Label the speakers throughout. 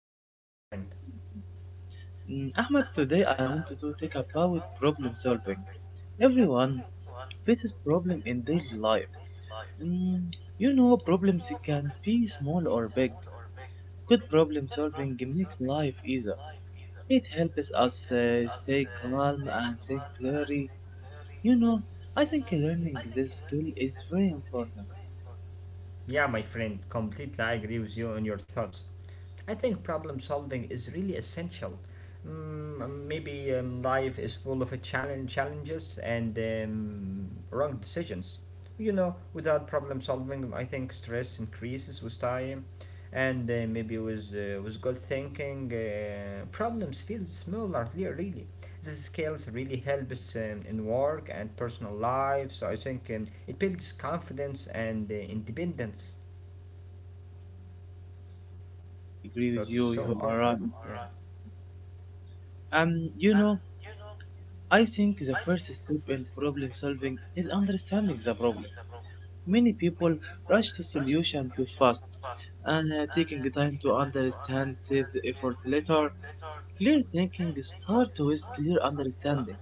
Speaker 1: fine, thank you, my friend.
Speaker 2: Ahmad, today I wanted to talk about problem solving. Everyone faces problem in daily life. Mm, problems can be small or big. Good problem solving makes life easier. It helps us stay calm and think clearly. You know, I think learning this skill is very important.
Speaker 1: Yeah, my friend, completely I agree with you on your thoughts. I think problem solving is really essential. Maybe life is full of challenges and wrong decisions. You know, without problem solving, I think stress increases with time, and maybe with with good thinking, problems feel smaller. Really, these skills really help us in work and personal life. So I think it builds confidence and independence.
Speaker 2: Yeah, I agree
Speaker 1: So
Speaker 2: with
Speaker 1: it's
Speaker 2: you.
Speaker 1: so
Speaker 2: You are
Speaker 1: important.
Speaker 2: right. Um, you know, I think the first step in problem solving is understanding the problem. Many people rush to solution too fast, and taking time to understand saves effort later. Clear thinking starts with clear understanding.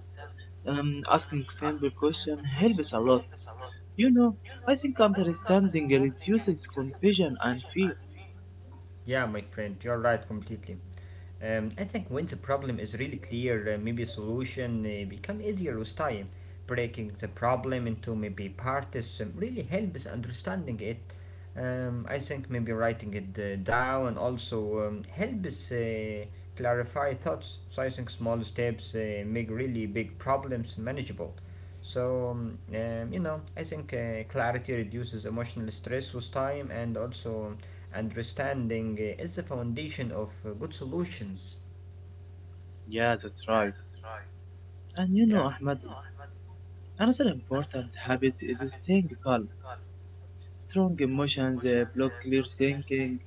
Speaker 2: Asking simple question helps a lot. You know, I think understanding reduces confusion and fear.
Speaker 1: Yeah, my friend, you're right completely. I think when the problem is really clear, maybe a solution become easier with time. Breaking the problem into maybe parts really helps understanding it. I think maybe writing it down also helps clarify thoughts. So I think small steps make really big problems manageable. So you know, I think clarity reduces emotional stress with time. And also understanding is the foundation of good solutions.
Speaker 2: Yeah, that's right. And you know,
Speaker 1: Yeah.
Speaker 2: Ahmed, another important habit is staying calm. Strong emotions block clear thinking.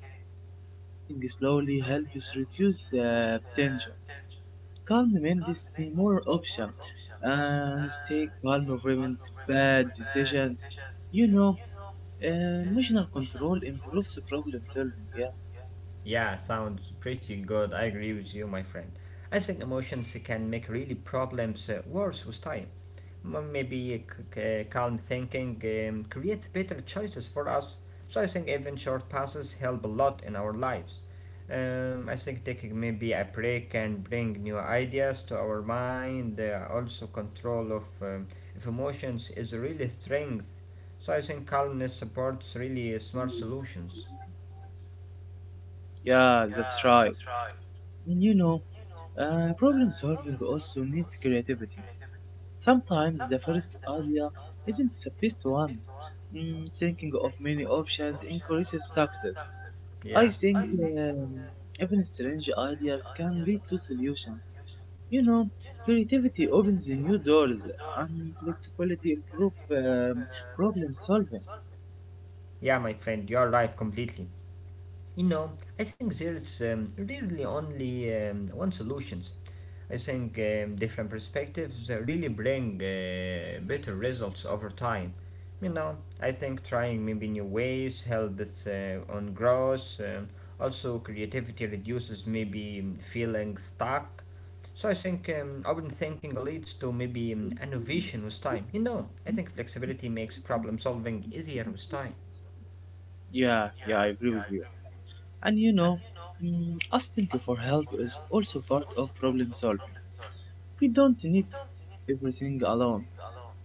Speaker 2: Breathing slowly helps reduce tension. Calm Mendes is a moral option, and stay calm prevents bad decision. You know, emotional control improves problem solving. Yeah,
Speaker 1: Yeah, sounds pretty good. I agree with you, my friend. I think emotions can make really problems worse with time. Maybe calm thinking creates better choices for us. So I think even short passes help a lot in our lives. I think taking maybe a break can bring new ideas to our mind. Also, control of emotions is really strength. So I think calmness supports really smart solutions.
Speaker 2: yeah, that's right. And you know, problem solving also needs creativity. Sometimes the first idea isn't the best one. Thinking of many options increases success. I
Speaker 1: Yeah.
Speaker 2: think um, even strange ideas can lead to solutions. You know, creativity opens new doors and flexibility improve problem solving.
Speaker 1: Yeah, my friend, you're right completely. You know, I think there's really only one solutions. I think different perspectives really bring better results over time. You know, I think trying maybe new ways helps on growth. Also, creativity reduces maybe feeling stuck. So I think open thinking leads to maybe innovation with time. You know, I think flexibility makes problem solving easier with time.
Speaker 2: Yeah, yeah, I agree with you. And you know, asking for help is also part of problem solving. We don't need to solve everything alone.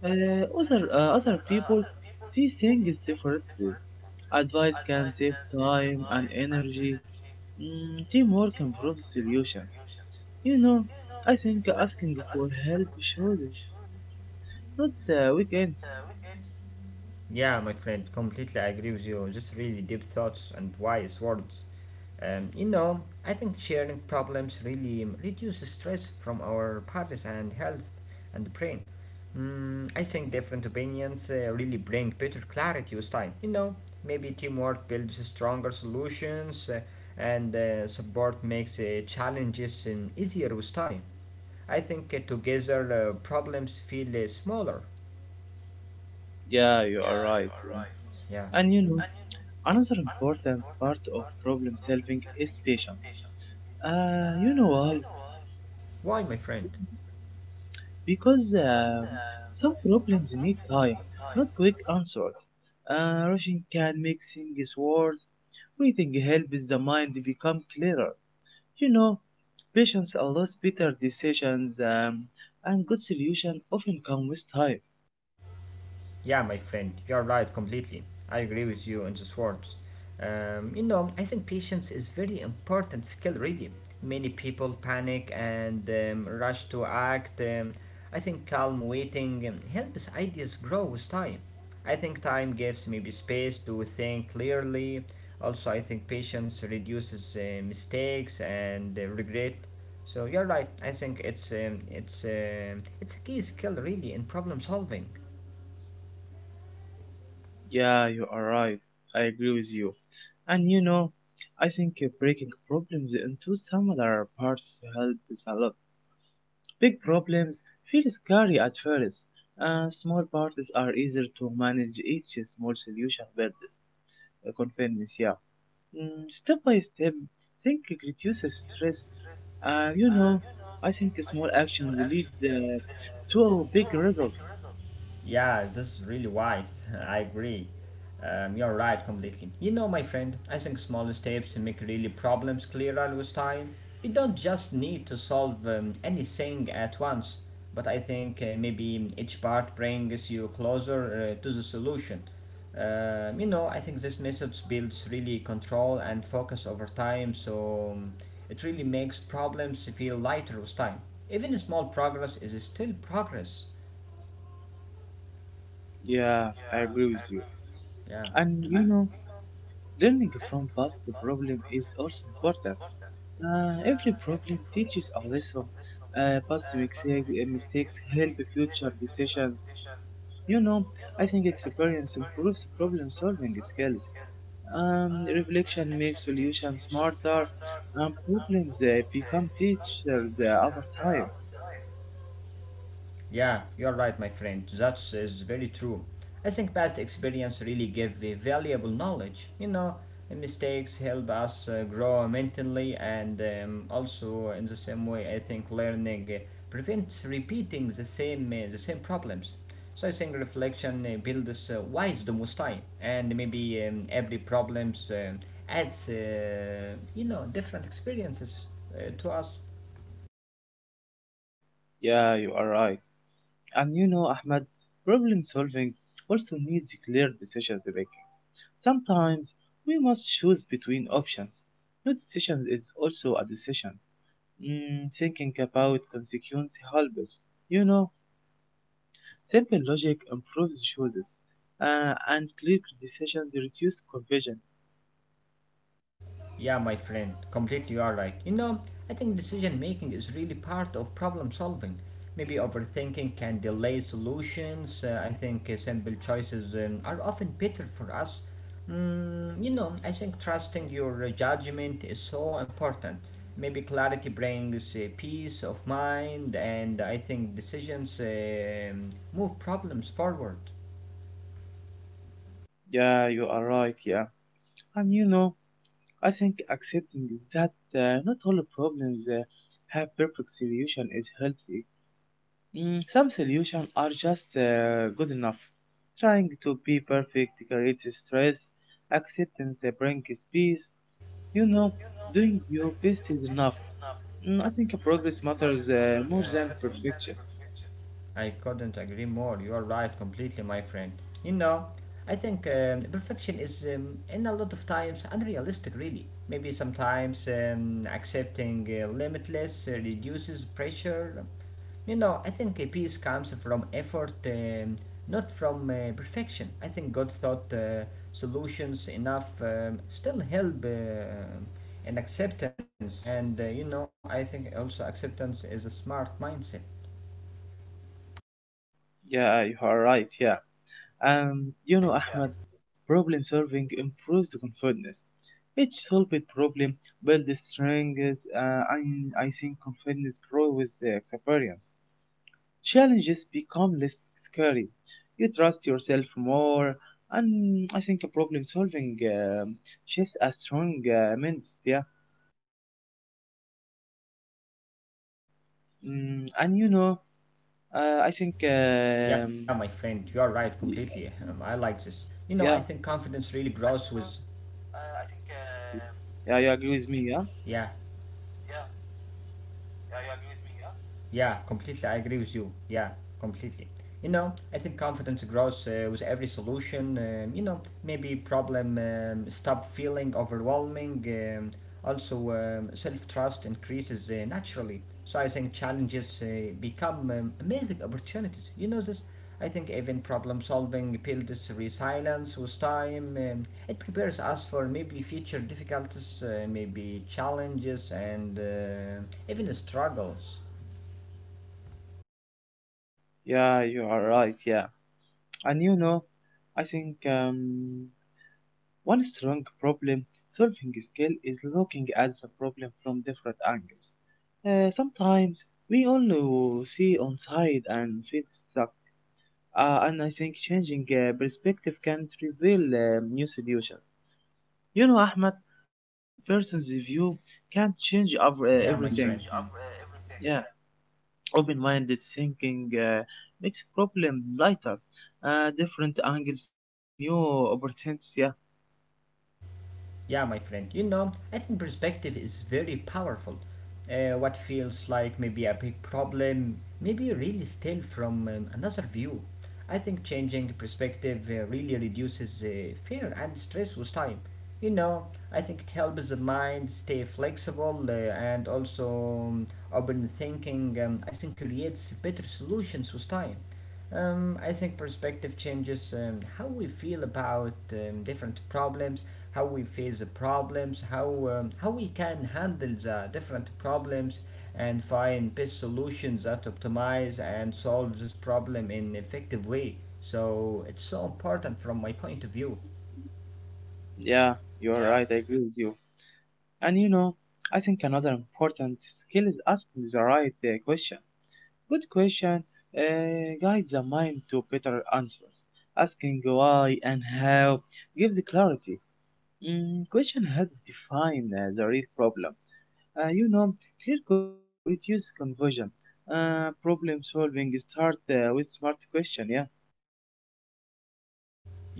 Speaker 2: Other people see things differently. Advice can save time and energy. Teamwork improves solutions. You know, I think asking for help shows strength. Not the weekends.
Speaker 1: Yeah, my friend, completely agree with you. Just really deep thoughts and wise words. You know, I think sharing problems really reduces stress from our bodies and health and the brain. Mm, I think different opinions really bring better clarity with time. You know, maybe teamwork builds stronger solutions and support makes challenges easier with time. I think together problems feel smaller.
Speaker 2: Yeah, you are right.
Speaker 1: Yeah.
Speaker 2: And you know, another important part of problem solving is patience. You know why?
Speaker 1: Why, my friend?
Speaker 2: Because some problems need time, not quick answers. Rushing can make things worse. Waiting helps the mind become clearer. You know, patience allows better decisions, and good solutions often come with time.
Speaker 1: Yeah, my friend, you're right completely. I agree with you on those words. You know, I think patience is very important skill really. Many people panic and rush to act. I think calm waiting helps ideas grow with time. I think time gives maybe space to think clearly. Also, I think patience reduces mistakes and regret. So you're right. I think it's it's a key skill really in problem solving.
Speaker 2: Yeah, you are right. I agree with you. And you know, I think breaking problems into smaller parts helps a lot. Big problems feel scary at first. Small parts are easier to manage. Each small solution builds confidence. Yeah. Step by step, think it reduces stress. Uh, you know, I think small actions lead to big results.
Speaker 1: Yeah, this is really wise. I agree. You're right completely. You know, my friend, I think small steps make really problems clearer with time. You don't just need to solve anything at once, but I think maybe each part brings you closer to the solution. You know, I think this method builds really control and focus over time, so it really makes problems feel lighter with time. Even small progress is still progress.
Speaker 2: Yeah, I agree with you.
Speaker 1: Yeah.
Speaker 2: And you know, learning from past problem is also important. Every problem teaches a lesson. Mistakes help future decisions. You know, I think experience improves problem solving skills. Reflection makes solutions smarter. And problems become teachers over time.
Speaker 1: Yeah, you're right, my friend. That is very true. I think past experience really give the valuable knowledge. You know, mistakes help us grow mentally, and also in the same way, I think learning prevents repeating the same problems. So I think reflection builds wisdom with time, and maybe every problems adds you know different experiences to us.
Speaker 2: Yeah, you are right. And you know, Ahmed, problem solving also needs clear decisions. Sometimes we must choose between options. No decision is also a decision. Thinking about consequences helps us. You know, simple logic improves choices, and clear decisions reduce confusion.
Speaker 1: Yeah, my friend, completely you are right. You know, I think decision making is really part of problem solving. Maybe overthinking can delay solutions. I think simple choices are often better for us. Mm, you know, I think trusting your judgment is so important. Maybe clarity brings peace of mind, and I think decisions move problems forward.
Speaker 2: Yeah, you are right. Yeah, and you know, I think accepting that not all problems have perfect solution is healthy. Some solutions are just good enough. Trying to be perfect creates stress. Acceptance brings peace. You know, doing your best is enough. I think progress matters more than perfection.
Speaker 1: I couldn't agree more. You are right completely, my friend. You know, I think perfection is, in a lot of times, unrealistic, really. Maybe sometimes accepting limitless reduces pressure. You know, I think a peace comes from effort, not from perfection. I think God thought solutions enough still help in acceptance, and you know, I think also acceptance is a smart mindset.
Speaker 2: Yeah, you are right. Yeah, and you know, Ahmed, problem solving improves confidence. Each solved problem builds strength. I think confidence grows with the experience. Challenges become less scary. You trust yourself more, and I think problem solving shapes a strong mindset. Yeah.
Speaker 1: Yeah, my
Speaker 2: And you
Speaker 1: friend,
Speaker 2: know,
Speaker 1: you're right completely.
Speaker 2: I think
Speaker 1: I like this. You know, I think confidence really
Speaker 2: y-
Speaker 1: grows.
Speaker 2: yeah,
Speaker 1: Yeah,
Speaker 2: yeah, you agree with me. Yeah,
Speaker 1: yeah, completely. I agree with you. Yeah, completely. You know, I think confidence grows with every solution. You know, maybe problem stop feeling overwhelming. Also, self trust increases naturally. So I think challenges become amazing opportunities. You know this. I think even problem solving builds resilience with time. It prepares us for maybe future difficulties, maybe challenges, and even struggles.
Speaker 2: yeah, you are right. Yeah, and you know, I think one strong problem solving skill is looking at the problem from different angles. Sometimes we only see on side and feel stuck. And I think changing perspective can reveal new solutions. You know, Ahmed, another person's view can change
Speaker 1: Yeah, my
Speaker 2: everything.
Speaker 1: friend.
Speaker 2: Yeah, open-minded thinking makes problem lighter. Different angles bring new opportunities. Yeah,
Speaker 1: Yeah, my friend, you know, I think perspective is very powerful. What feels like maybe a big problem, maybe really still from another view. I think changing perspective really reduces fear and stress with time. You know, I think it helps the mind stay flexible and also open thinking. I think creates better solutions with time. I think perspective changes how we feel about different problems, how we face the problems, how we can handle the different problems and find best solutions that optimize and solve this problem in an effective way. So it's so important from my point of view.
Speaker 2: yeah, you are right. I agree with you. And you know, I think another important skill is asking the right question. Good question guides the mind to better answers. Asking why and how gives clarity. Question helps define the real problem. Uh, you know, clear question reduce confusion. Problem solving start with smart question. Yeah,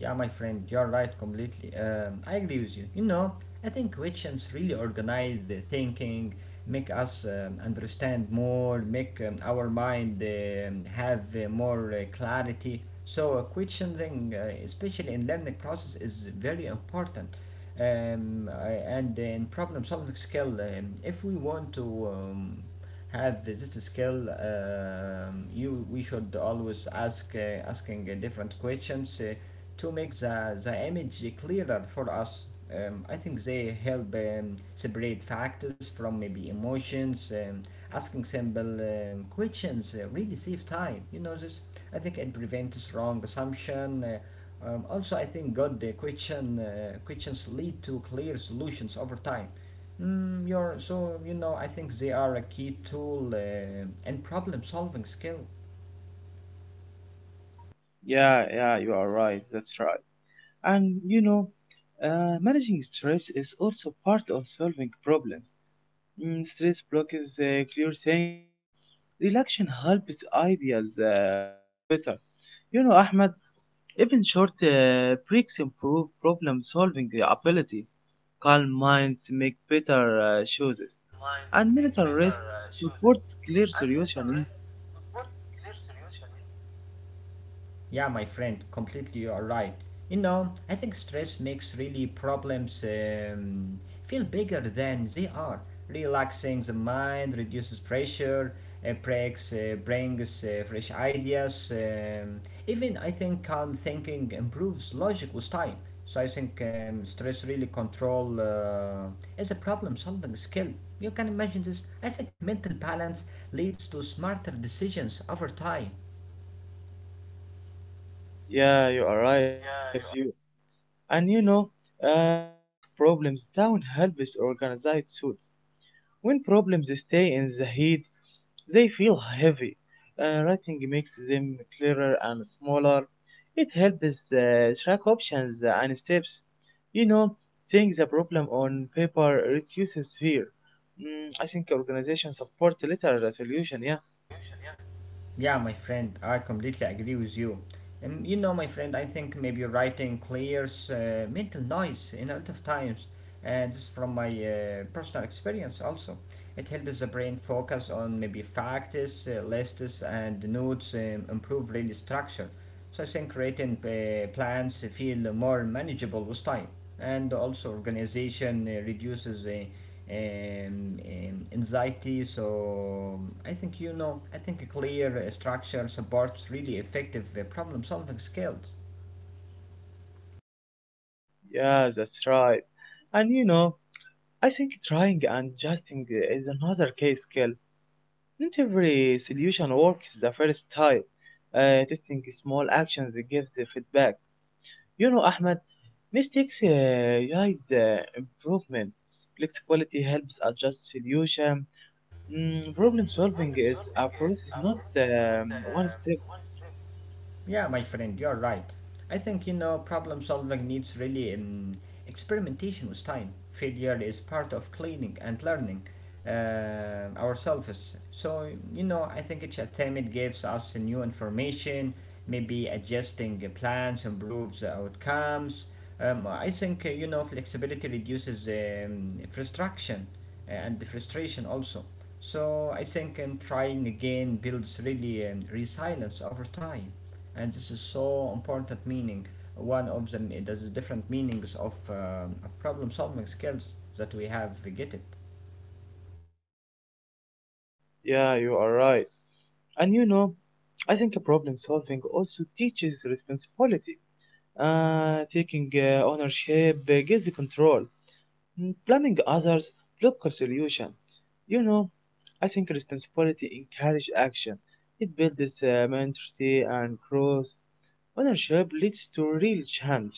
Speaker 1: Yeah, my friend, you're right completely. I agree with you. You know, I think questions really organize the thinking, make us understand more, make our mind have more clarity. So, questioning, especially in learning process, is very important. And in problem solving skill, if we want to have this skill you we should always ask asking different questions to make the image clearer for us, I think they help separate factors from maybe emotions. Asking simple questions really save time. You know this, I think it prevents wrong assumption. Also I think good questions lead to clear solutions over time. Mm, you know I think they are a key tool in problem solving skill.
Speaker 2: yeah, yeah. You are right. That's right. And you know, managing stress is also part of solving problems. Stress blocks clear thinking. Relaxation helps ideas flow better. You know, Ahmed, even short breaks improve problem solving ability. Calm minds make better choices. And mental rest supports clear solution.
Speaker 1: Yeah, my friend, completely you are right. You know, I think stress makes really problems feel bigger than they are. Relaxing the mind reduces pressure, breaks, brings fresh ideas. Even I think calm thinking improves logic with time. So I think stress really control is a problem-solving skill. You can imagine this. I think mental balance leads to smarter decisions over time.
Speaker 2: Yeah, you are right. I agree with you. And you know, writing problems down helps organize thoughts. When problems stay in the head, they feel heavy. Writing makes them clearer and smaller. It helps track options and steps. You know, seeing the problem on paper reduces fear. I think organization support later solution. Yeah,
Speaker 1: Yeah, my friend, I completely agree with you. You know, my friend, I think maybe writing clears mental noise in a lot of times, and this is from my personal experience also. It helps the brain focus on maybe facts, lists, and notes, improve really structure. So I think creating plans feel more manageable with time, and also organization reduces anxiety. So I think you know, I think a clear structure supports really effective problem-solving skills.
Speaker 2: yeah, that's right. And you know, I think trying and adjusting is another case skill. Not every solution works the first time. Testing small actions gives the feedback. You know, Ahmed. Mistakes guide improvement. Flexibility helps adjust solution. Problem solving is a process, not one step.
Speaker 1: Yeah, my friend, you're right. I think, you know, problem solving needs really experimentation with time. Failure is part of cleaning and learning ourselves. So, you know, I think each attempt gives us new information, maybe adjusting the plans improves the outcomes. I think, you know, flexibility reduces frustration and the frustration also. So I think trying again builds really resilience over time, and this is so important meaning one of the there's different meanings of problem solving skills that we have we get it.
Speaker 2: Yeah, you are right. And you know, I think problem solving also teaches responsibility. Taking ownership gives the control. Blaming others blocks solution. You know, I think responsibility encourages action. It builds maturity and growth. Ownership leads to real change.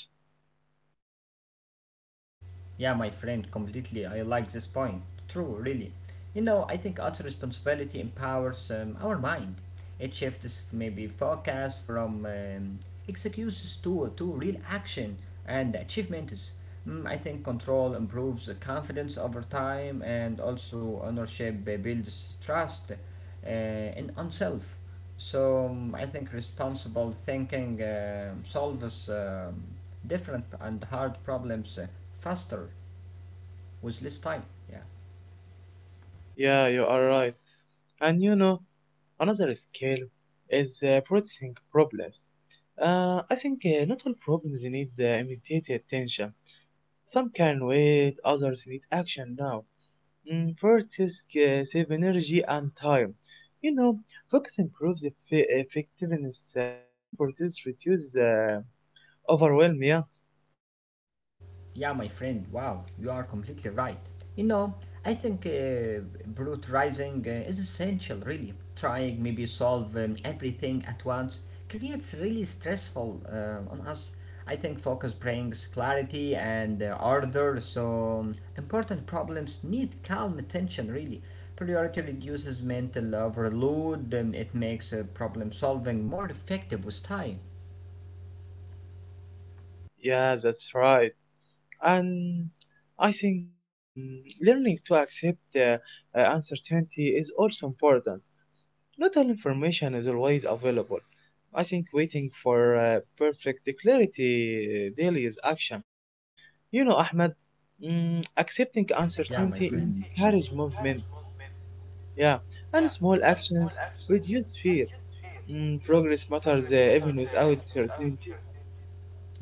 Speaker 1: Yeah, my friend, completely. I like this point. True, really. You know, I think also responsibility empowers our mind. It shifts maybe focus from excuses to real action and achievements. Mm, I think control improves the confidence over time, and also ownership builds trust uh, in oneself. So I think responsible thinking solves different and hard problems faster with less time. Yeah.
Speaker 2: Yeah, you are right. And you know, another skill is processing problems. I think not all problems need immediate attention. Some can wait, others need action now. Practice save energy and time. You know, focus improves effectiveness. Good practice reduces overwhelm. Yeah,
Speaker 1: Yeah, my friend, wow, you are completely right. You know, I think brutalizing is essential, really. Trying maybe solve everything at once creates really stressful on us. I think focus brings clarity and order, so important problems need calm attention, really. Priority reduces mental overload, and it makes problem solving more effective with time.
Speaker 2: yeah, that's right. And I think learning to accept uncertainty is also important. Not all information is always available. I think waiting for perfect clarity daily is action. You know, Ahmed, accepting uncertainty encourages movement. Yeah, and small actions reduce fear. Progress matters even without certainty.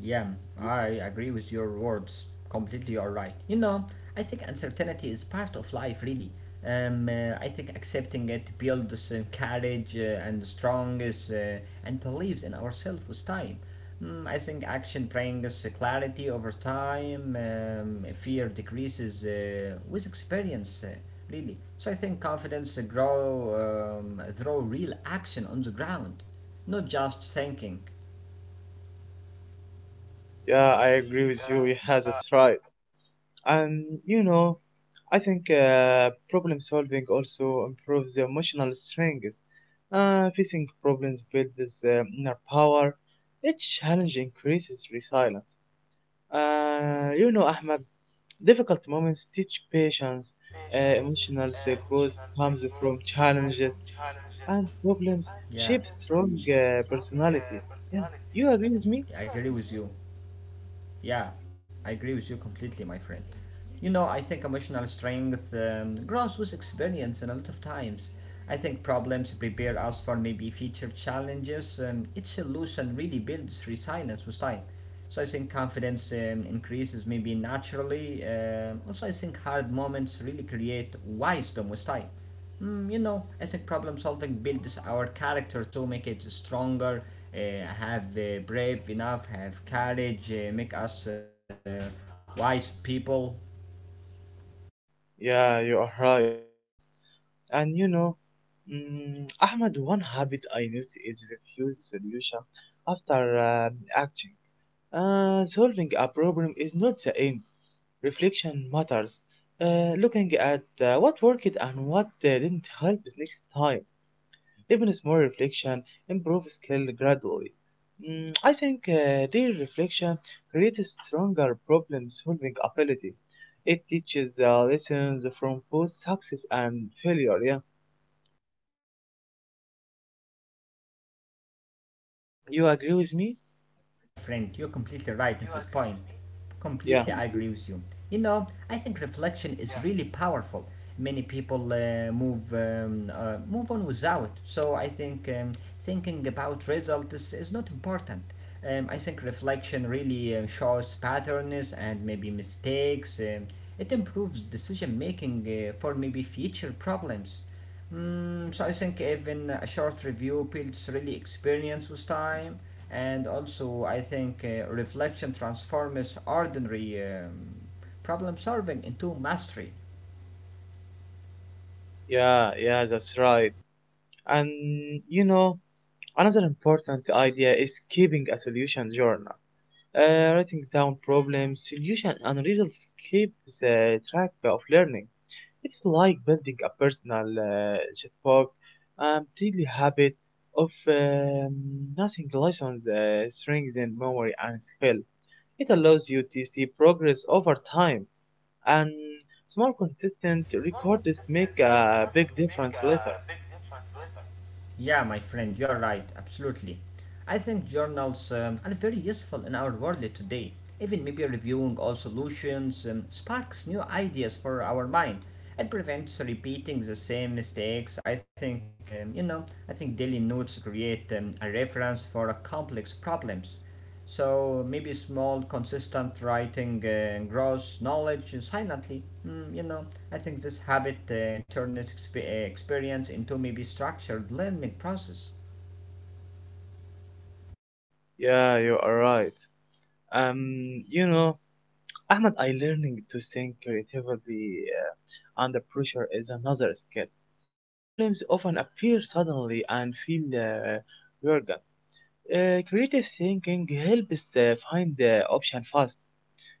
Speaker 1: Yeah, I agree with your words. Completely, you are right. You know, I think uncertainty is part of life, really. I think accepting it builds courage and strongest and believes in ourselves with time. Mm, I think action brings clarity over time. Fear decreases with experience, really. So I think confidence grow through real action on the ground, not just thinking.
Speaker 2: Yeah, I agree with you. He has a try. And you know, I think problem solving also improves the emotional strength. Facing problems builds inner power. Each challenge increases resilience. You know, Ahmed, difficult moments teach patience. Emotional growth comes from challenges and problems
Speaker 1: Yeah,
Speaker 2: shape strong personality. Yeah, you agree with me?
Speaker 1: yeah, yeah, I agree with you completely, my friend. You know, I think emotional strength grows with experience and a lot of times. I think problems prepare us for maybe future challenges. Each solution really builds resilience with time. So I think confidence increases maybe naturally. Um, also, I think hard moments really create wisdom with time. Mm, you know, I think problem solving builds our character to make it stronger, uh, have brave enough, have courage, make us wise people.
Speaker 2: Yeah, you are right. Yeah, and you know, Ahmed, one habit I noticed is refuse solution after acting. Solving a problem is not the aim. Reflection matters. Looking at what worked and what didn't help is next time. Even small reflection improves skill gradually. I think their reflection creates stronger problem-solving ability. It teaches lessons from both success and failure. Yeah. You agree with me?
Speaker 1: Yeah, my friend, you're completely right.
Speaker 2: Yeah,
Speaker 1: Completely, I agree with you. You know, I think reflection is really powerful. Many people move on without. So I think thinking about results is not important. I think reflection really shows patterns and maybe mistakes. It improves decision making for maybe future problems. Mm, so I think even a short review builds really experience with time, and also I think reflection transforms ordinary problem solving into mastery.
Speaker 2: yeah, yeah, that's right. And you know, another important idea is keeping a solution journal. Writing down problems, solution, and results keep the track of learning. It's like building a personal checkbook and daily habit of nothing lessons strengthen memory and skill. It allows you to see progress over time, and small consistent records make a big difference later.
Speaker 1: Yeah, my friend, you are right, absolutely. I think journals are very useful in our world today. Even maybe reviewing all solutions sparks new ideas for our mind. It prevents repeating the same mistakes. I think, you know, I think daily notes create a reference for complex problems. So maybe small, consistent writing grows knowledge silently. Mm, you know, I think this habit experience into maybe structured learning process.
Speaker 2: Yeah, you are right. You know, Ahmed, I learning to think creatively under pressure is another skill. Problems often appear suddenly and feel urgent. Creative thinking helps find the option fast.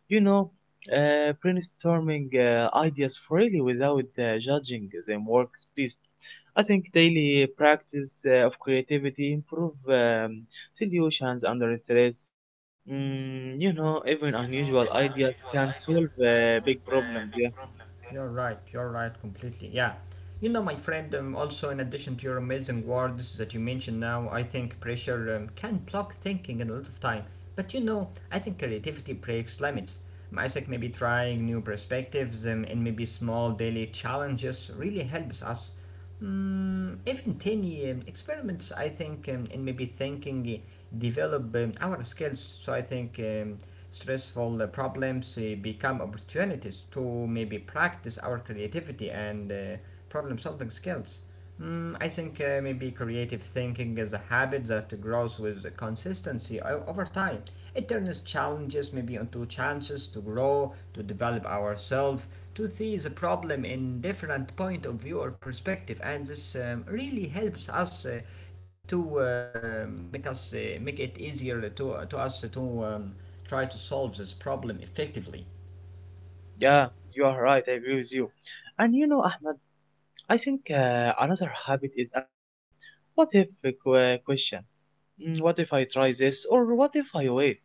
Speaker 2: You know, uh, brainstorming uh, ideas freely without judging them works best. I think daily practice of creativity improve solutions under stress. Even unusual ideas can solve big problems. Yeah,
Speaker 1: You're right. You're right completely. Yeah. You know, my friend, also in addition to your amazing words that you mentioned now, I think pressure can block thinking in a lot of time. But you know, I think creativity breaks limits. I think maybe trying new perspectives and maybe small daily challenges really helps us. Mm, even tiny experiments, I think, and maybe thinking develop our skills. So I think stressful problems become opportunities to maybe practice our creativity and problem solving skills. Mm, I think maybe creative thinking is a habit that grows with consistency o- over time. It turns challenges maybe into chances to grow, to develop ourselves, to see the problem in different point of view or perspective, and this really helps us to and make us make it easier to us to try to solve this problem effectively.
Speaker 2: yeah, you are right. I agree with you. And you know, Ahmed, I think another habit is asking, "What if?" Question. What if I try this, or what if I wait?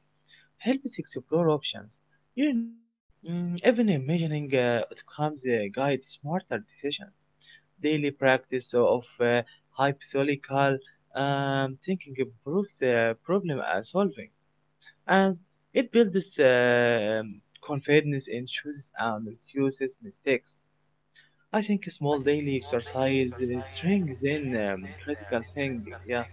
Speaker 2: Help us explore options. You know, even imagining outcomes guides smarter decisions. Daily practice of hypothetical thinking improves problem solving, and it builds confidence in choices and reduces mistakes. I think small daily exercise strengthens critical thinking. Yeah,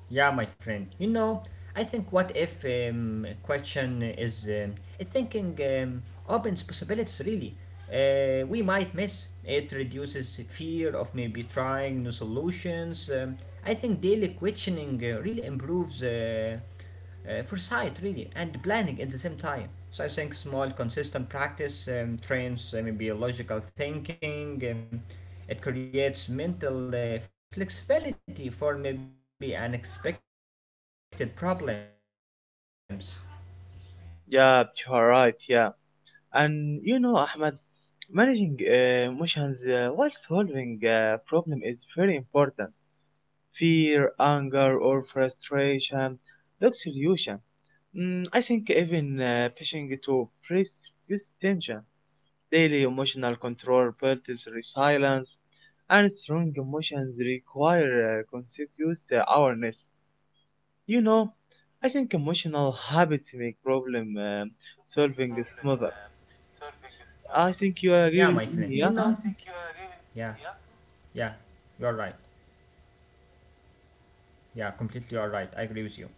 Speaker 1: Yeah, my friend. You know, I think what if question is it thinking opens possibilities really. We might miss. It reduces fear of maybe trying new solutions. I think daily questioning really improves foresight really and planning at the same time. So I think small consistent practice trains maybe logical thinking. It creates mental flexibility for maybe unexpected problems.
Speaker 2: yeah, you are right. Yeah. And you know, Ahmed, managing emotions while solving a problem is very important. Fear, anger, or frustration, look solution. I think even pushing to reduce tension, daily emotional control builds resilience, and strong emotions require conscious awareness. You know, I think emotional habits make problem solving smoother. I think you agree
Speaker 1: Yeah, my
Speaker 2: with
Speaker 1: friend.
Speaker 2: me,
Speaker 1: You
Speaker 2: yeah?
Speaker 1: know, yeah, yeah, you're right. Yeah, completely you're right. I agree with you.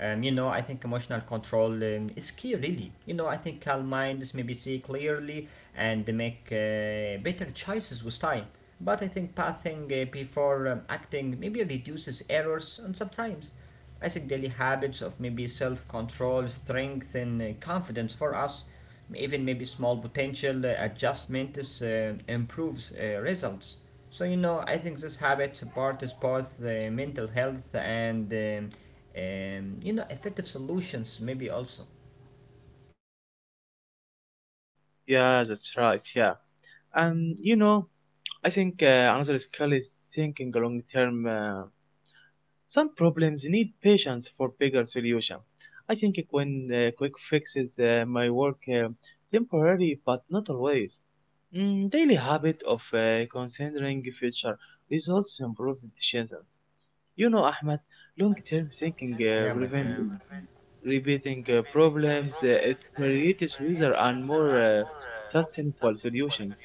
Speaker 1: You know, I think emotional control is key, really. You know, I think calm minds maybe see clearly and make better choices with time. But I think pathing before acting maybe reduces errors and sometimes. I think daily habits of maybe self control, strength, and confidence for us, even maybe small potential adjustments improves results. So you know, I think this habit supports both the mental health and you know effective solutions maybe also.
Speaker 2: Yeah, that's right. Yeah, and you know, I think another skill is thinking long term. Some problems need patience for bigger solution. I think when quick fixes my work temporary, but not always. Daily habit of considering future results improves decisions. You know, Ahmed, long-term thinking
Speaker 1: Yeah, my
Speaker 2: prevents
Speaker 1: friend.
Speaker 2: repeating problems. It creates wiser and more sustainable solutions.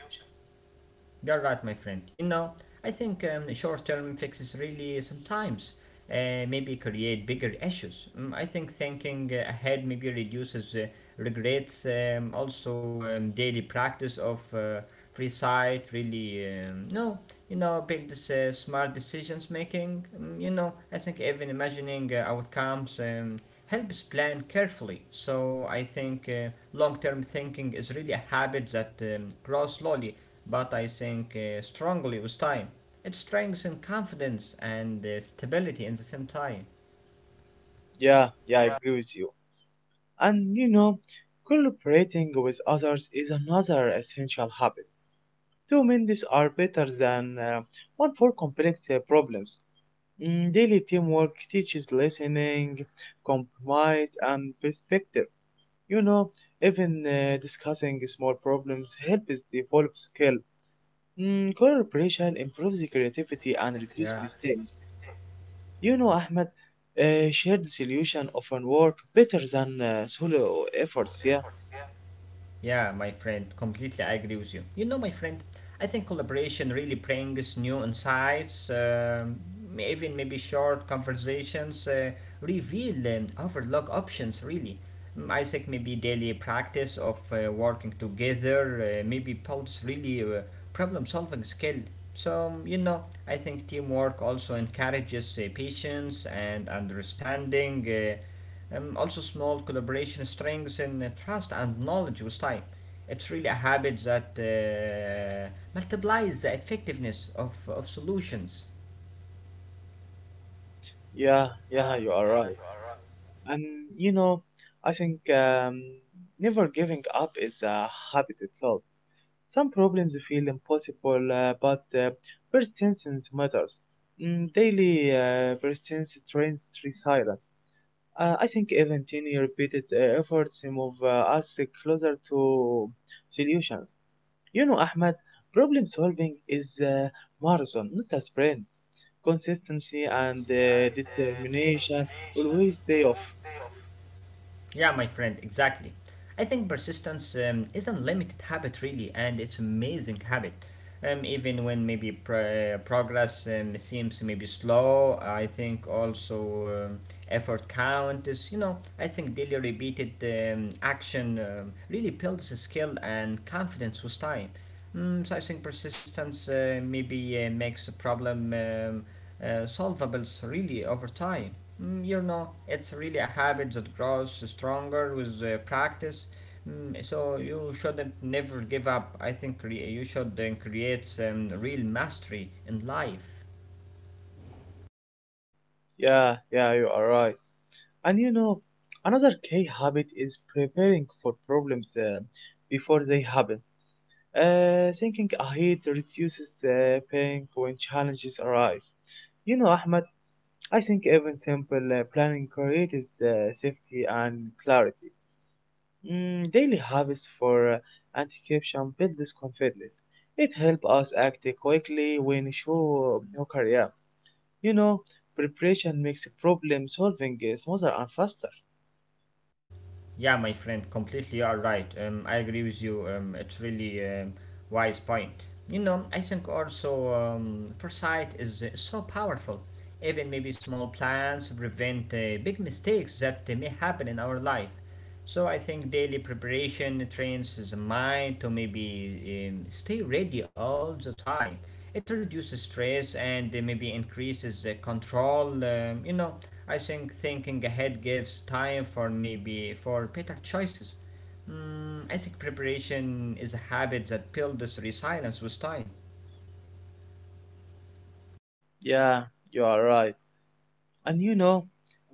Speaker 1: You're right, my friend. You know, I think short-term fixes really sometimes maybe create bigger issues. Mm, I think thinking ahead maybe reduces regrets. Also, daily practice of free sight really no, you know, builds smart decisions making. Mm, you know, I think even imagining outcomes helps plan carefully. So I think long-term thinking is really a habit that grows slowly but I think strongly with time. It strengthens confidence and stability in the same time.
Speaker 2: Yeah, yeah, I agree with you. And you know, collaborating with others is another essential habit. Two minds are better than one for complex problems. Daily teamwork teaches listening, compromise, and perspective. You know, even discussing small problems helps develop skill. Collaboration improves the creativity and
Speaker 1: Yeah.
Speaker 2: reduces mistakes. You know, Ahmed, shared solution often work better than solo efforts. Yeah,
Speaker 1: Yeah, my friend, completely I agree with you. You know, my friend, I think collaboration really brings new insights, even maybe short conversations reveal and overlook options, really. Mm, I think maybe daily practice of working together maybe builds really problem solving skill. So, you know, I think teamwork also encourages patience and understanding. Uh, also, small collaboration strengthens trust and knowledge with time. It's really a habit that multiplies the effectiveness of solutions.
Speaker 2: yeah, yeah, you are right. And you know, I think never giving up is a habit itself. Some problems feel impossible, but persistence matters. Daily persistence trains resilience. I think even tiny repeated efforts move us closer to solutions. You know, Ahmed, problem solving is a marathon, not a sprint. Consistency and determination always pay off.
Speaker 1: Yeah, my friend, exactly. I think persistence is a limited habit, really, and it's amazing habit. Even when maybe progress seems maybe slow, I think also effort count is, you know, I think daily repeated action really builds skill and confidence with time. Mm, so I think persistence maybe makes the problem solvable really over time. Mm, you know, it's really a habit that grows stronger with practice. Mm, so you shouldn't never give up. I think you should then create real mastery in life.
Speaker 2: Yeah, yeah, you are right. And you know, another key habit is preparing for problems before they happen. Thinking ahead reduces pain when challenges arise. You know, Ahmed. I think even simple planning creates safety and clarity. Daily habits for anti-corruption build this confidence. It helps us act quickly when show no career. You know, preparation makes problem solving smoother and faster.
Speaker 1: Yeah, my friend, completely you are right. I agree with you. It's really wise point. You know, I think also foresight is so powerful. Even maybe small plans prevent big mistakes that may happen in our life. So I think daily preparation trains the mind to maybe stay ready all the time. It reduces stress and maybe increases control. You know, I think thinking ahead gives time for maybe for better choices. Mm, I think preparation is a habit that builds resilience with time.
Speaker 2: Yeah, you are right. And you know,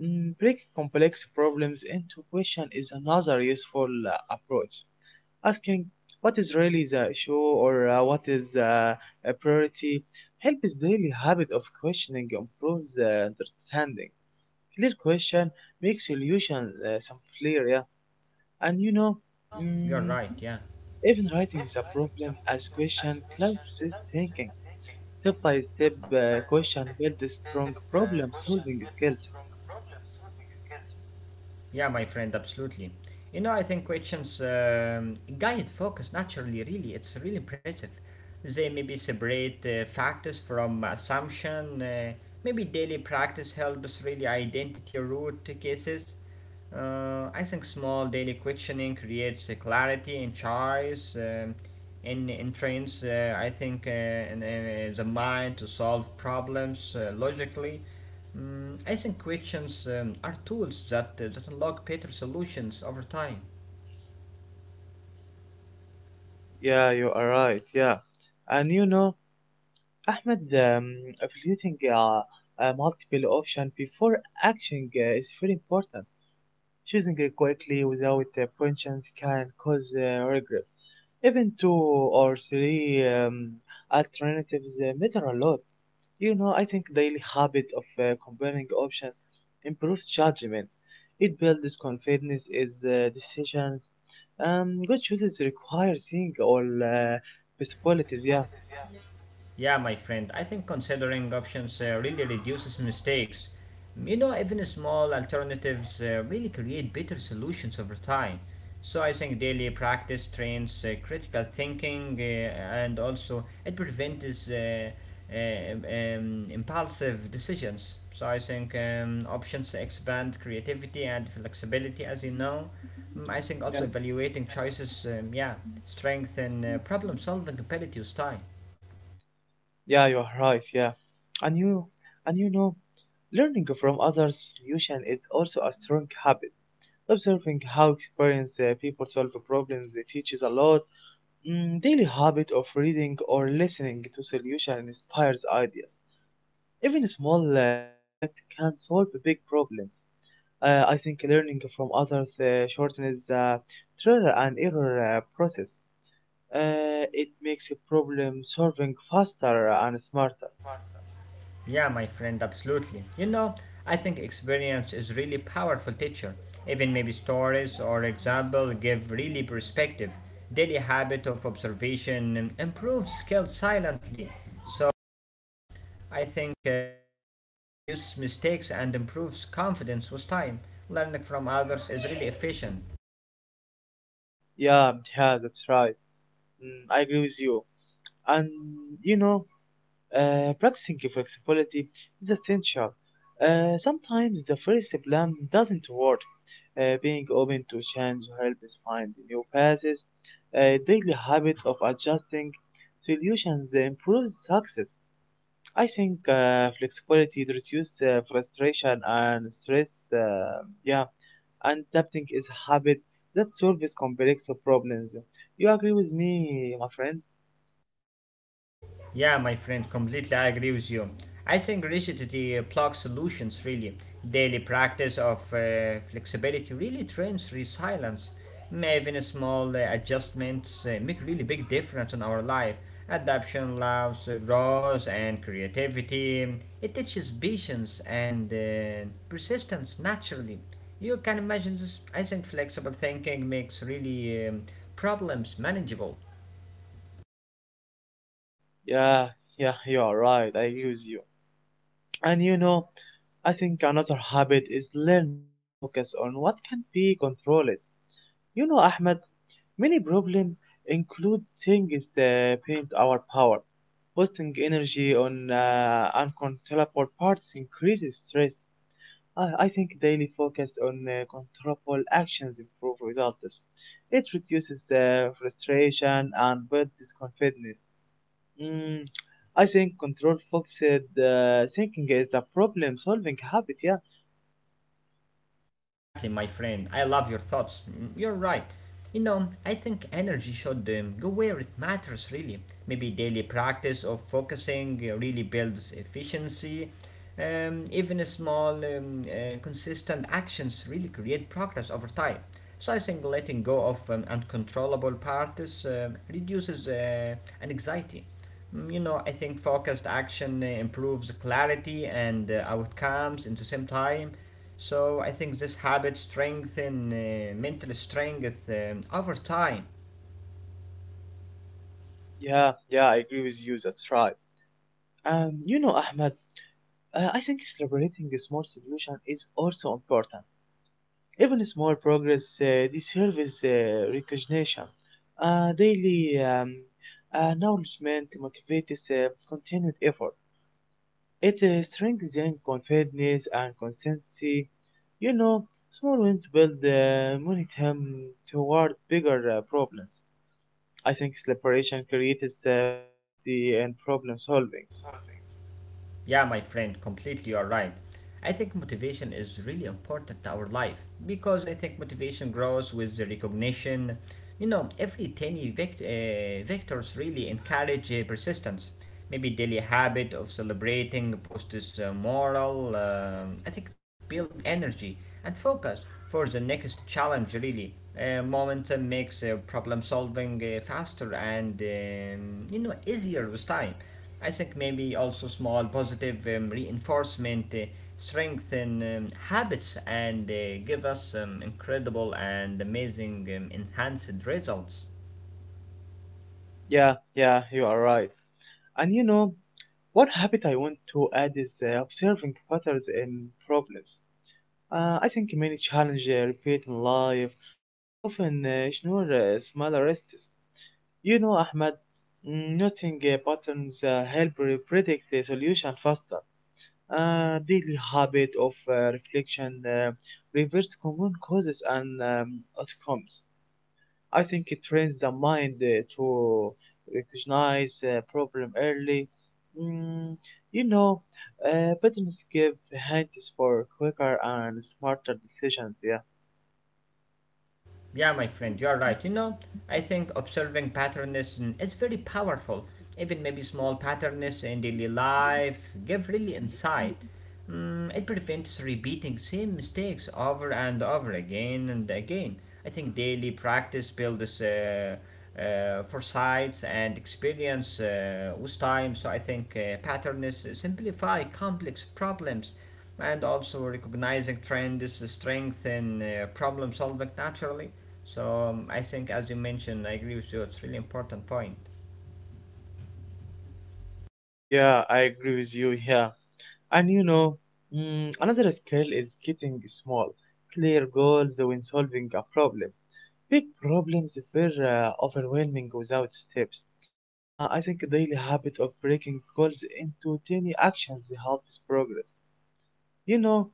Speaker 2: break complex problems into question is another useful approach. Asking what is really the issue or what is a priority helps daily habit of questioning improves understanding, clear question makes solutions some clear. Yeah, and you know, mm,
Speaker 1: You're right, yeah.
Speaker 2: even writing the problem as question helps us thinking step by step. Question builds strong problem solving skills.
Speaker 1: Yeah, my friend, absolutely. You know, I think questions guide focus naturally, really. It's really impressive. They maybe separate factors from assumption. Maybe daily practice helps really identity root cases. I think small daily questioning creates a clarity in choice and entrains, I think, and, the mind to solve problems logically. Mm, I think questions are tools that unlock better solutions over time.
Speaker 2: Yeah, you are right. Yeah, and you know, Ahmed, evaluating multiple options before acting is very important. Choosing it quickly without pensions can cause regret. Even two or three alternatives matter a lot. You know, I think daily habit of comparing options improves judgment. It builds confidence in decisions. Good choices require seeing all possibilities. Yeah.
Speaker 1: Yeah, my friend, I think considering options really reduces mistakes. You know, even small alternatives really create better solutions over time. So I think daily practice trains critical thinking and also it prevents impulsive decisions. So I think options expand creativity and flexibility, as you know. Mm, I think also evaluating choices, yeah, strengthen problem solving ability with time.
Speaker 2: Yeah, you are right. Yeah, and you, and you know, learning from others' solution is also a strong habit. Observing how experienced people solve problems it teaches a lot. Daily habit of reading or listening to solution inspires ideas. Even small insight can solve big problems. I think learning from others shortens the trial and error process. It makes problem solving faster and smarter.
Speaker 1: Yeah, my friend, absolutely. You know, I think experience is really powerful teacher. Even maybe stories or example give really perspective. Daily habit of observation improves skills silently. So I think really it reduces mistakes and improves confidence with time. Learning from others is really efficient.
Speaker 2: Yeah, yeah, that's right. I agree with you. And you know, practicing flexibility is essential. Sometimes the first plan doesn't work. Being open to change helps find new paths. A daily habit of adjusting solutions improves success. I think flexibility reduces frustration and stress. Uh, yeah, and adapting is a habit that solves complex problems. You agree with me, my friend?
Speaker 1: Yeah, my friend, completely I agree with you. I think rigidity plug solutions really. Daily practice of flexibility really trains resilience. May even small adjustments make really big difference in our life. Adaptation allows growth and creativity. It teaches patience and persistence naturally. You can imagine this. I think flexible thinking makes really problems manageable.
Speaker 2: Yeah, yeah, you are right. I agree with you. And you know, I think another habit is learning to focus on what can be controlled. You know, Ahmed, many problems include things that paint our power. Wasting energy on uncontrollable parts increases stress. I think daily focus on controllable actions improve results. It reduces frustration and builds confidence. Mm, I think control focused thinking is a problem solving habit. Yeah.
Speaker 1: Exactly, my friend. I love your thoughts. Mm, you're right. You know, I think energy should go where it matters, really. Maybe daily practice of focusing really builds efficiency. Even a small, consistent actions really create progress over time. So I think letting go of uncontrollable parties reduces anxiety. Mm, you know, I think focused action improves clarity and outcomes in the same time. So I think this habit strengthens mental strength over time.
Speaker 2: Yeah, yeah, I agree with you, that's right. You know, Ahmed. I think celebrating small solution is also important. Even small progress deserves recognition. Daily acknowledgement motivates continued effort. It strengthens confidence and consistency. You know, small wins build momentum toward bigger problems. I think celebration creates positivity and problem solving.
Speaker 1: Yeah, my friend, completely you are right. I think motivation is really important to our life because I think motivation grows with the recognition. You know, every tiny vectors really encourage persistence. Maybe daily habit of celebrating boosts moral. Um, I think it builds energy and focus for the next challenge. Really, momentum makes problem solving faster and you know easier with time. I think maybe also small positive reinforcement strengthen habits and give us incredible and amazing enhanced results.
Speaker 2: Yeah, yeah, you are right. And you know, one habit I want to add is observing patterns in problems. I think many challenges repeat in life, but we often ignore smaller risks. You know, Ahmed, noting patterns predict the solution faster. Daily habit of reflection reverse common causes and outcomes. I think it trains the mind to recognize a problem early. Mm, you know, patterns give hints for quicker and smarter decisions. Yeah,
Speaker 1: Yeah, my friend, you're right. You know, I think observing patterns mm, is very powerful. Even maybe small patterns in daily life give really insight. It prevents repeating same mistakes over and over again and again. I think daily practice builds foresights and experience with time. So I think patterns simplify complex problems, and also recognizing trends is strength in problem solving naturally. So I think as you mentioned, I agree with you, it's really important point.
Speaker 2: yeah, I agree with you. Yeah, and you know, another skill is getting small, clear goals when solving a problem. Big problems were overwhelming without steps. I think daily habit of breaking goals into tiny actions helps progress. You know,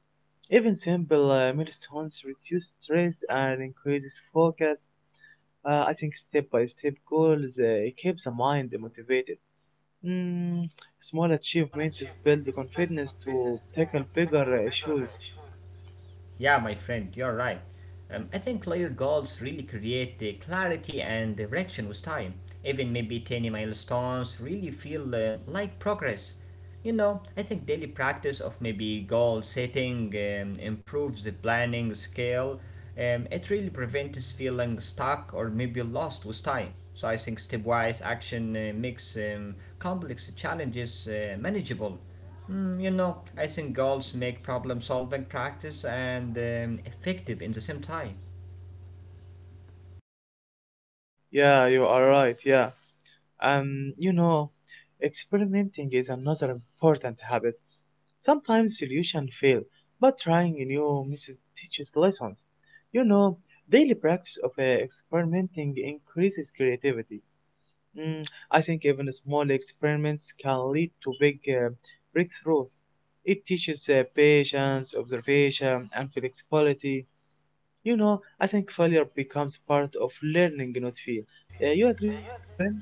Speaker 2: even simple milestones reduce stress and increases focus. I think step by step goals keep the mind motivated. Mm, Small achievements build the confidence to tackle bigger issues.
Speaker 1: Yeah, my friend, you're right. I think layered goals really create the clarity and direction with time. Even maybe tiny milestones really feel like progress. You know, I think daily practice of maybe goal setting improves the planning skill. It really prevents feeling stuck or maybe lost with time. So I think stepwise action makes complex challenges manageable. Mm, you know, I think goals make problem solving practice and effective in the same time.
Speaker 2: Yeah, you are right. Yeah, you know, experimenting is another important habit. Sometimes solutions fail, but trying a new method teaches lessons. You know, daily practice of experimenting increases creativity. Mm, I think even small experiments can lead to big breakthroughs. It teaches patience, observation, and flexibility. You know, I think failure becomes part of learning, not fear. You agree with me, my friend?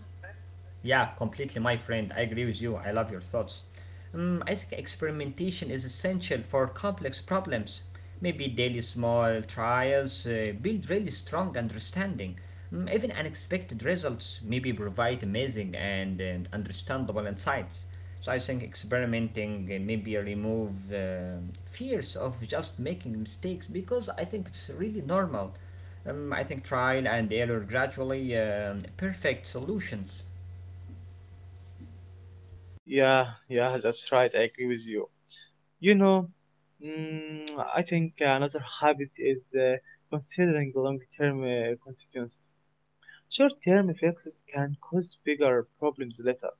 Speaker 1: Yeah, completely, my friend. I agree with you. I love your thoughts. I think experimentation is essential for complex problems. Maybe daily small trials build really strong understanding. Even unexpected results maybe provide amazing and understandable insights. So I think experimenting maybe remove fears of just making mistakes, because I think it's really normal. I think trial and error gradually perfect solutions.
Speaker 2: Yeah, yeah, that's right. I agree with you. You know, mm, I think another habit is considering long-term consequences. Short-term fixes can cause bigger problems later,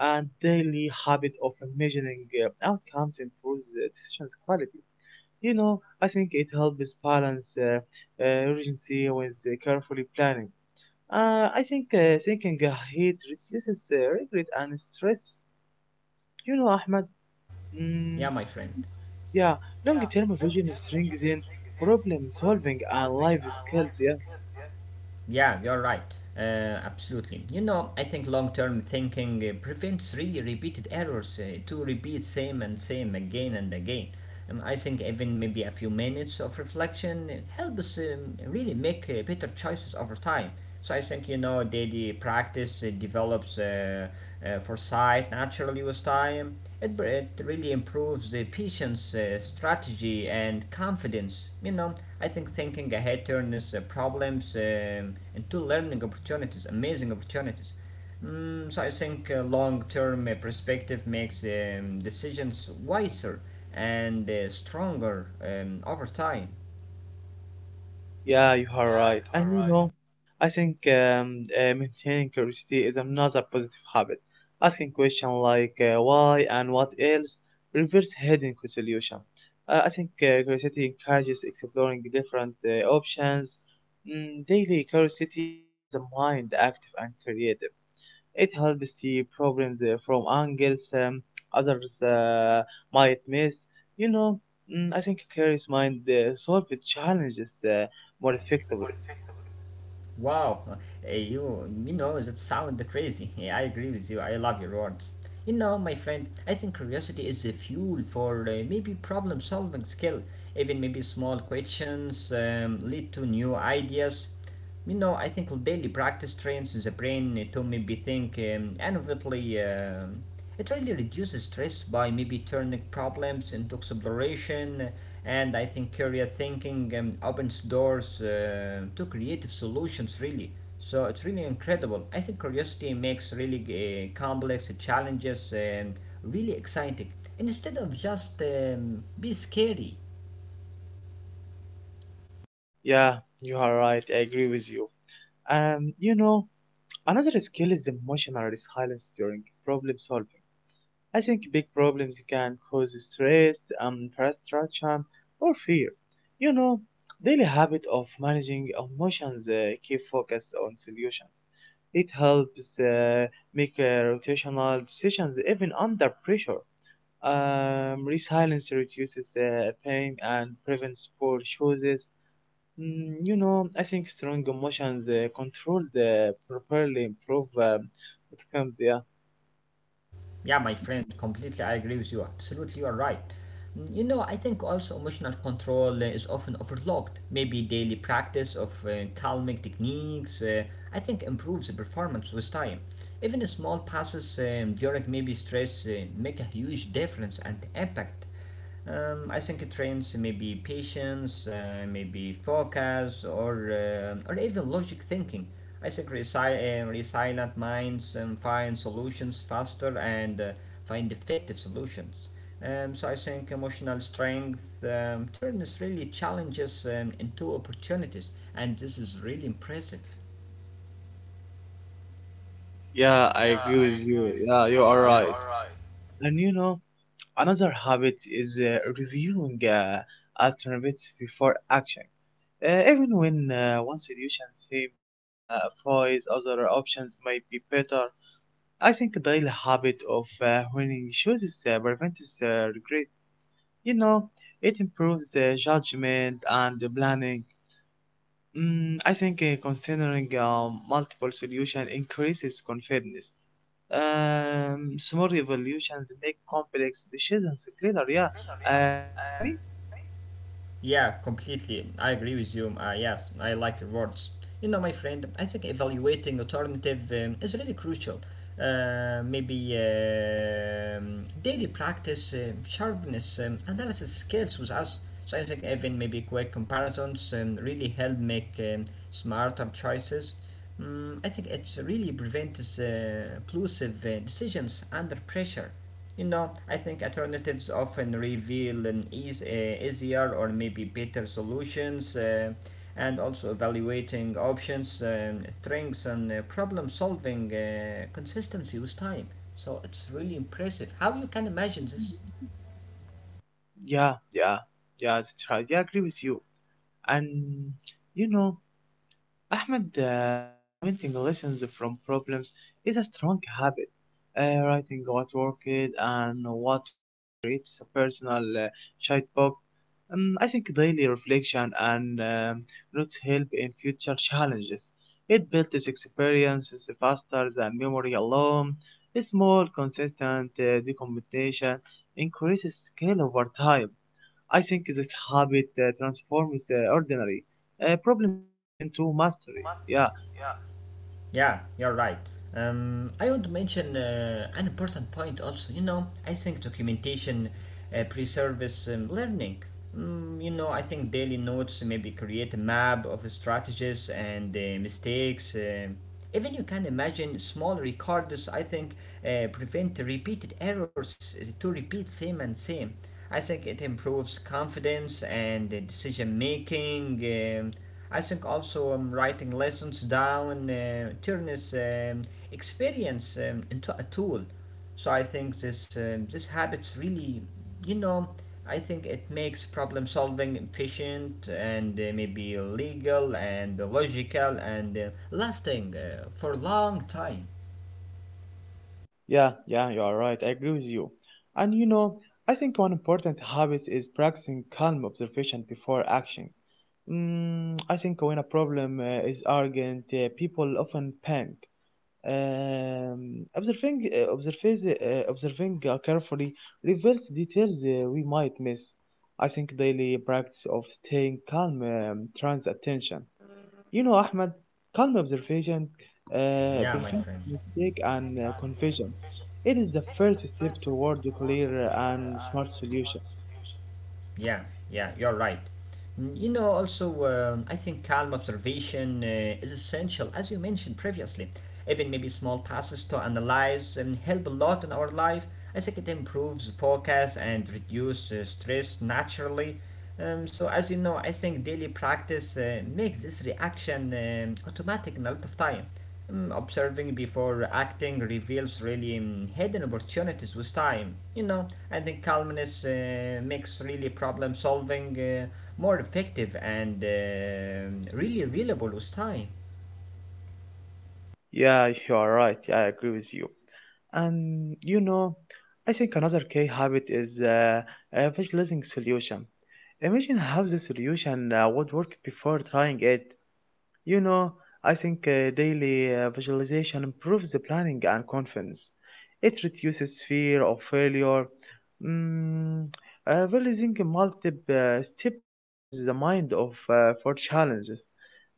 Speaker 2: and daily habit of measuring outcomes improves the decision's quality. You know, I think it helps balance urgency with carefully planning. I think thinking ahead reduces regret and stress. You know, Ahmed.
Speaker 1: Yeah,
Speaker 2: Mm,
Speaker 1: my friend.
Speaker 2: yeah, long-term vision strengthens in problem solving and life skills. Yeah,
Speaker 1: Yeah, you're right. Uh, absolutely. You know, I think long-term thinking prevents really repeated errors to repeat same and same again and again. I think even maybe a few minutes of reflection helps really make better choices over time. So I think, you know, the practice, it develops foresight naturally with time. It really improves the patient's strategy and confidence. You know, I think thinking ahead turns problems into learning opportunities, amazing opportunities. Mm, so I think long-term perspective makes decisions wiser and stronger over time.
Speaker 2: yeah, you are right. And you know, I think maintaining curiosity is another positive habit. Asking questions like why and what else reverse hidden solution. I think curiosity encourages exploring different options. Daily curiosity keeps the mind active and creative. It helps see problems from angles others might miss. You know, I think a curious mind solve the challenges more effectively.
Speaker 1: Wow, you know that sound crazy. Yeah, I agree with you. I love your words. You know, my friend, I think curiosity is the fuel for maybe problem-solving skill. Even maybe small questions lead to new ideas. You know, I think daily practice trains the brain to maybe think innovatively. It really reduces stress by maybe turning problems into exploration, and I think career thinking opens doors to creative solutions, really. So it's really incredible. I think curiosity makes really complex challenges really exciting instead of just be scary.
Speaker 2: Yeah, you are right. I agree with you. You know, another skill is emotional resilience during problem solving. I think big problems can cause stress, frustration, or fear. You know, daily habit of managing emotions keep focus on solutions. It helps uh, make rotational decisions even under pressure. Resilience reduces pain and prevents poor choices. You know, I think strong emotions controlled properly improve outcomes. Yeah.
Speaker 1: Yeah, my friend, completely I agree with you. Absolutely, you are right. Mm, you know, I think also emotional control is often overlooked. Maybe daily practice of calming techniques, I think, improves the performance with time. Even small passes during maybe stress make a huge difference and impact. I think it trains maybe patience, maybe focus, or even logic thinking. I think resilient minds find solutions faster and find effective solutions. So I think emotional strength turns really challenges into opportunities, and this is really impressive.
Speaker 2: Yeah, I agree with you. Yeah, you are right. And you know, another habit is reviewing alternatives before action. Even when one solution seems uh, voice, other options might be better. I think daily habit of winning chooses prevents regret. You know, it improves judgment and planning. Mm, I think considering multiple solutions increases confidence. Small evolutions make complex decisions clearer. Yeah, agree with me?
Speaker 1: Yeah, completely. I agree with you. Yes, I like your words. You know, my friend, I think evaluating alternative is really crucial. Maybe daily practice, sharpness, analysis skills with us. So I think even maybe quick comparisons really help make smarter choices. Mm, I think it really prevents plosive decisions under pressure. You know, I think alternatives often reveal an easier or maybe better solutions, and also evaluating options, strengths, and problem solving consistency with time. So it's really impressive how you can imagine this.
Speaker 2: Yeah, yeah, yeah, that's right. Yeah, I agree with you. And you know, Ahmed, documenting lessons from problems is a strong habit. Writing what worked and what failed creates a personal checkbook. I think daily reflection and notes help in future challenges. It builds experiences faster than memory alone. A small, consistent documentation increases skill over time. I think this habit transforms ordinary problem solving into mastery. Yeah,
Speaker 1: Yeah, you're right. I want to mention an important point also. You know, I think documentation preserves learning. Mm, you know, I think daily notes maybe create a map of strategies and mistakes. Even you can imagine small records, I think, prevent repeated errors to repeat same and same. I think it improves confidence and decision making. um I think also writing lessons down turns experience into a tool. So I think this habits really, you know, I think it makes problem solving efficient and maybe legal and logical and lasting for a long time.
Speaker 2: yeah, yeah, you are right. I agree with you. And you know, I think one important habit is practicing calm observation before action. I think when a problem is urgent, people often panic. Observing carefully reveals details we might miss. I think daily practice of staying calm turns attention. You know, Ahmed, calm observation prevents mistake and confusion. It is the first step toward a clear and smart solution.
Speaker 1: Yeah, yeah, you're right. Mm, you know, also, I think calm observation is essential, as you mentioned previously. Even maybe small passes to analyze and help a lot in our life. I think it improves focus and reduce stress naturally. So, as you know, I think daily practice makes this reaction automatic in a lot of time. Mm, observing before acting reveals really hidden opportunities with time, you know, and then calmness makes really problem solving more effective and really reliable with time.
Speaker 2: Yeah, you are right. I agree with you. And you know, I think another key habit is visualizing solution. Imagine how the solution would work before trying it. You know, I think daily visualization improves the planning and confidence. It reduces fear of failure. Mm, realizing a multi-step prepares the mind of for challenges.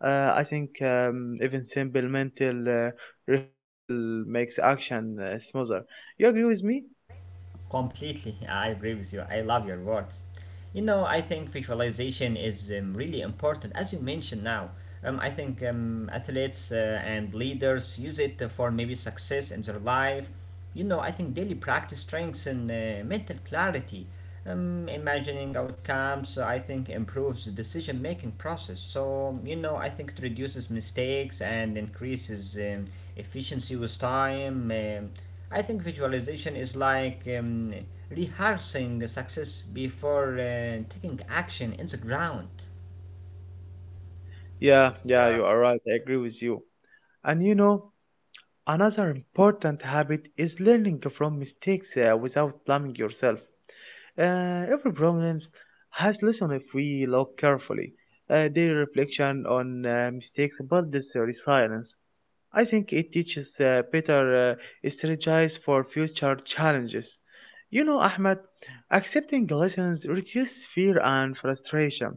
Speaker 2: I think even simple mental rehearsal makes action smoother. You agree with me?
Speaker 1: Completely, I agree with you. I love your words. You know, I think visualization is really important, as you mentioned now. I think athletes and leaders use it for maybe success in their life. You know, I think daily practice strengthens mental clarity. Imagining outcomes, I think, improves the decision making process. So, you know, I think it reduces mistakes and increases. Efficiency with time. I think visualization is like rehearsing success before taking action in the ground.
Speaker 2: Yeah, yeah, you are right. I agree with you. And you know, another important habit is learning from mistakes without blaming yourself. Every problem has lesson if we look carefully. Their reflection on mistakes builds this resilience. I think it teaches better strategies for future challenges. You know, Ahmed, accepting lessons reduces fear and frustration.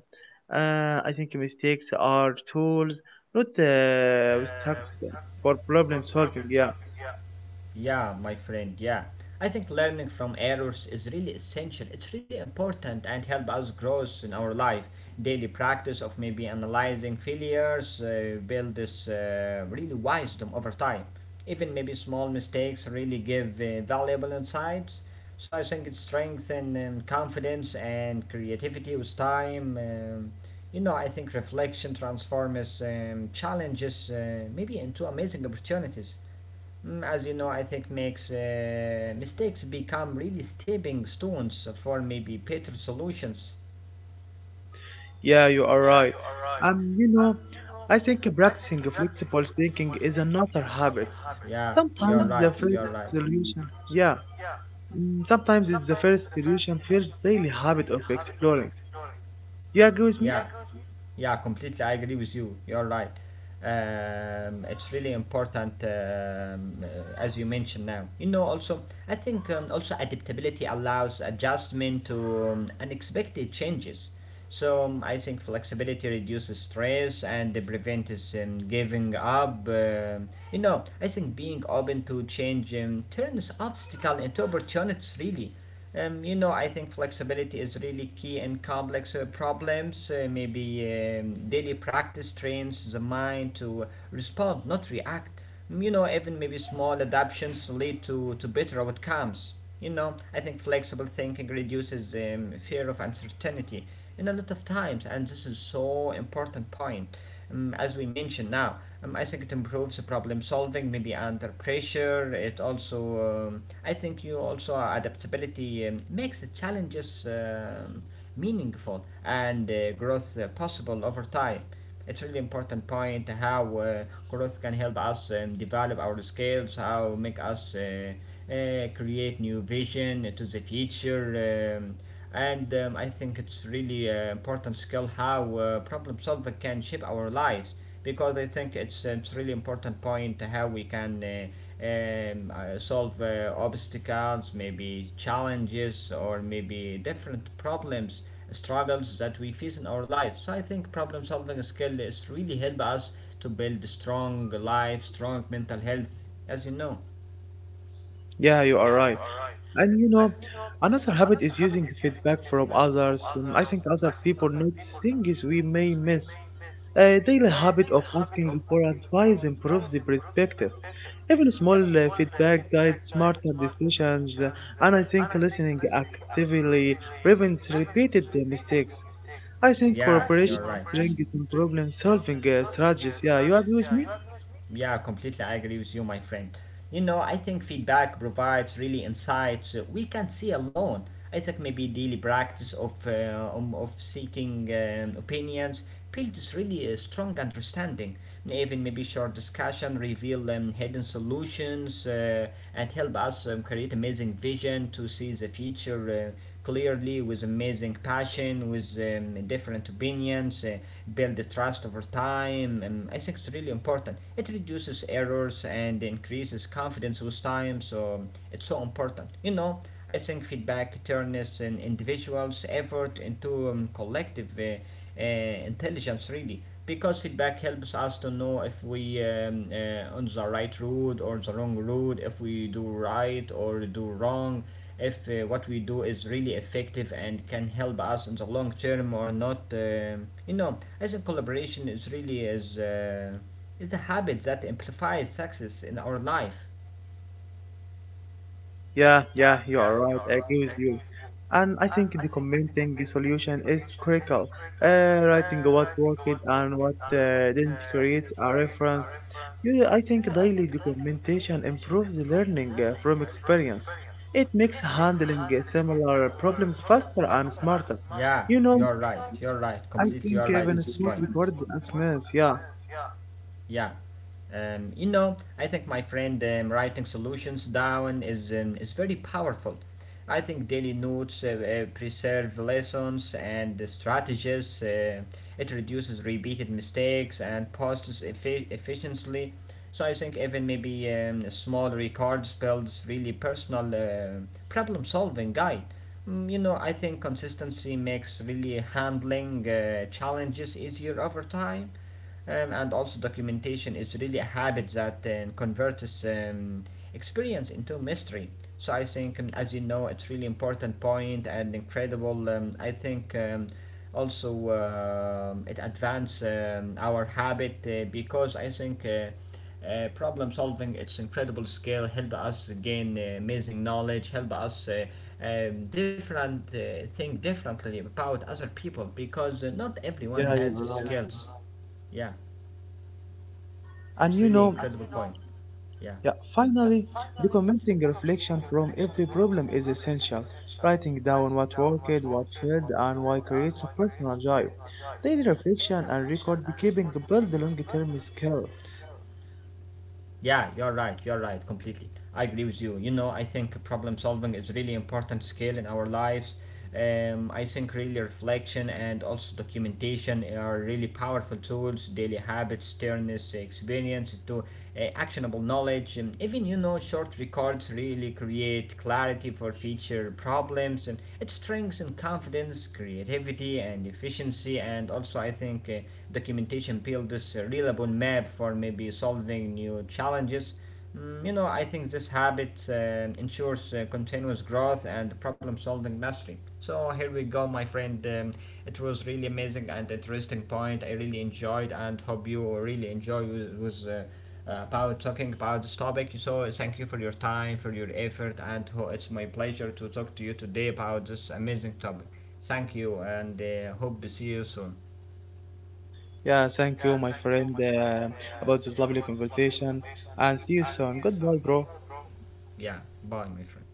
Speaker 2: I think mistakes are tools, not obstacles for problem solving. Yeah.
Speaker 1: Yeah, my friend, yeah. I think learning from errors is really essential. It's really important and help us grow in our life. Daily practice of maybe analyzing failures build this really wisdom over time. Even maybe small mistakes really give valuable insights. So I think it strengthens confidence and creativity with time. You know, I think reflection transforms challenges maybe into amazing opportunities. Mm, as you know, I think makes mistakes become really stepping stones for maybe better solutions.
Speaker 2: Yeah, you are right. You know, I think practicing flexible thinking is another habit.
Speaker 1: Yeah, you're
Speaker 2: Sometimes the
Speaker 1: right.
Speaker 2: first
Speaker 1: You're right.
Speaker 2: solution, yeah, sometimes it's the first solution, first daily habit of exploring. You agree
Speaker 1: Yeah.
Speaker 2: with me?
Speaker 1: Yeah, completely. I agree with you. You're right. It's really important, as you mentioned now. You know, also, I think also adaptability allows adjustment to unexpected changes. So I think flexibility reduces stress and it prevents giving up. You know, I think being open to change turns obstacle into opportunities. Really. You know, I think flexibility is really key in complex problems. Maybe daily practice trains the mind to respond, not react. Mm, you know, even maybe small adaptations lead to better outcomes. You know, I think flexible thinking reduces the fear of uncertainty in a lot of times, and this is so important point as we mentioned now. I think it improves the problem solving, maybe under pressure. It also, I think, you also adaptability makes the challenges meaningful and growth possible over time. It's really important point how growth can help us develop our skills, how make us uh, create new vision to the future. And I think it's really important skill how problem solving can shape our lives, because I think it's really important point how we can solve obstacles, maybe challenges, or maybe different problems, struggles that we face in our lives. So I think problem solving skill is really help us to build strong life, strong mental health, as you know.
Speaker 2: Yeah, you are right. And you know, another habit is using feedback from others. I think other people notice things we may miss. A daily habit of asking for advice improves the perspective. Even small feedback guides smarter decisions, and I think listening actively prevents repeated mistakes. I think
Speaker 1: Yeah, you're right.
Speaker 2: cooperation strengthens in problem solving strategies. Yeah, you agree with me?
Speaker 1: Yeah, completely. I agree with you, my friend. You know, I think feedback provides really insights we can't see alone. I think maybe daily practice of seeking opinions builds really a strong understanding. Even maybe short discussion reveal hidden solutions and help us create amazing vision to see the future. Clearly with amazing passion, with different opinions, build the trust over time. And I think it's really important. It reduces errors and increases confidence with time, so it's so important. You know, I think feedback turns an individual's effort into collective. Intelligence really, because feedback helps us to know if we on the right road or the wrong road, if we do right or do wrong, if what we do is really effective and can help us in the long term or not. You know, I think collaboration is really is a habit that amplifies success in our life.
Speaker 2: Yeah, yeah, you are right. I agree with you. And I think the commenting solution is critical. Writing what worked and what didn't creates a reference. You, I think daily documentation improves the learning from experience. It makes handling similar problems faster and smarter.
Speaker 1: Yeah,
Speaker 2: You know,
Speaker 1: you're right, you're right,
Speaker 2: I
Speaker 1: completely, you're
Speaker 2: think
Speaker 1: right in.
Speaker 2: even small recorded as, yeah,
Speaker 1: Yeah. You know, I think my friend writing solutions down is very powerful. I think daily notes preserve lessons and the strategies. It reduces repeated mistakes and posts efficiently. So I think even maybe small records builds really personal problem solving guide. Mm, you know, I think consistency makes really handling challenges easier over time, and also documentation is really a habit that converts experience into mystery. So I think, as you know, it's really important point and incredible. I think also it advance our habit because I think. Problem solving, its incredible skill, help us gain amazing knowledge, help us different think differently about other people, because not everyone
Speaker 2: yeah,
Speaker 1: has the
Speaker 2: you are right.
Speaker 1: skills. Yeah, it's
Speaker 2: And you
Speaker 1: really,
Speaker 2: know,
Speaker 1: yeah.
Speaker 2: Yeah, finally, documenting reflection from every problem is essential. Writing down what worked, what failed, and why creates a personal joy. Daily reflection and record keeping build long-term skill.
Speaker 1: Yeah, you're right, completely. I agree with you. You know, I think problem solving is really important skill in our lives. I think really reflection and also documentation are really powerful tools. Daily habits turn this experience into actionable knowledge, and even, you know, short records really create clarity for future problems, and it strengthens confidence, creativity and efficiency. And also I think documentation builds a reliable map for maybe solving new challenges. Mm, you know, I think this habit ensures continuous growth and problem solving mastery. So, here we go, my friend. It was really amazing and interesting point. I really enjoyed and hope you really enjoy was about talking about this topic. So, thank you for your time, for your effort, and it's my pleasure to talk to you today about this amazing topic. Thank you, and hope to see you soon.
Speaker 2: Yeah, thank you, my friend, about this lovely conversation, and see you soon. Goodbye, bro.
Speaker 1: Yeah, bye, my friend.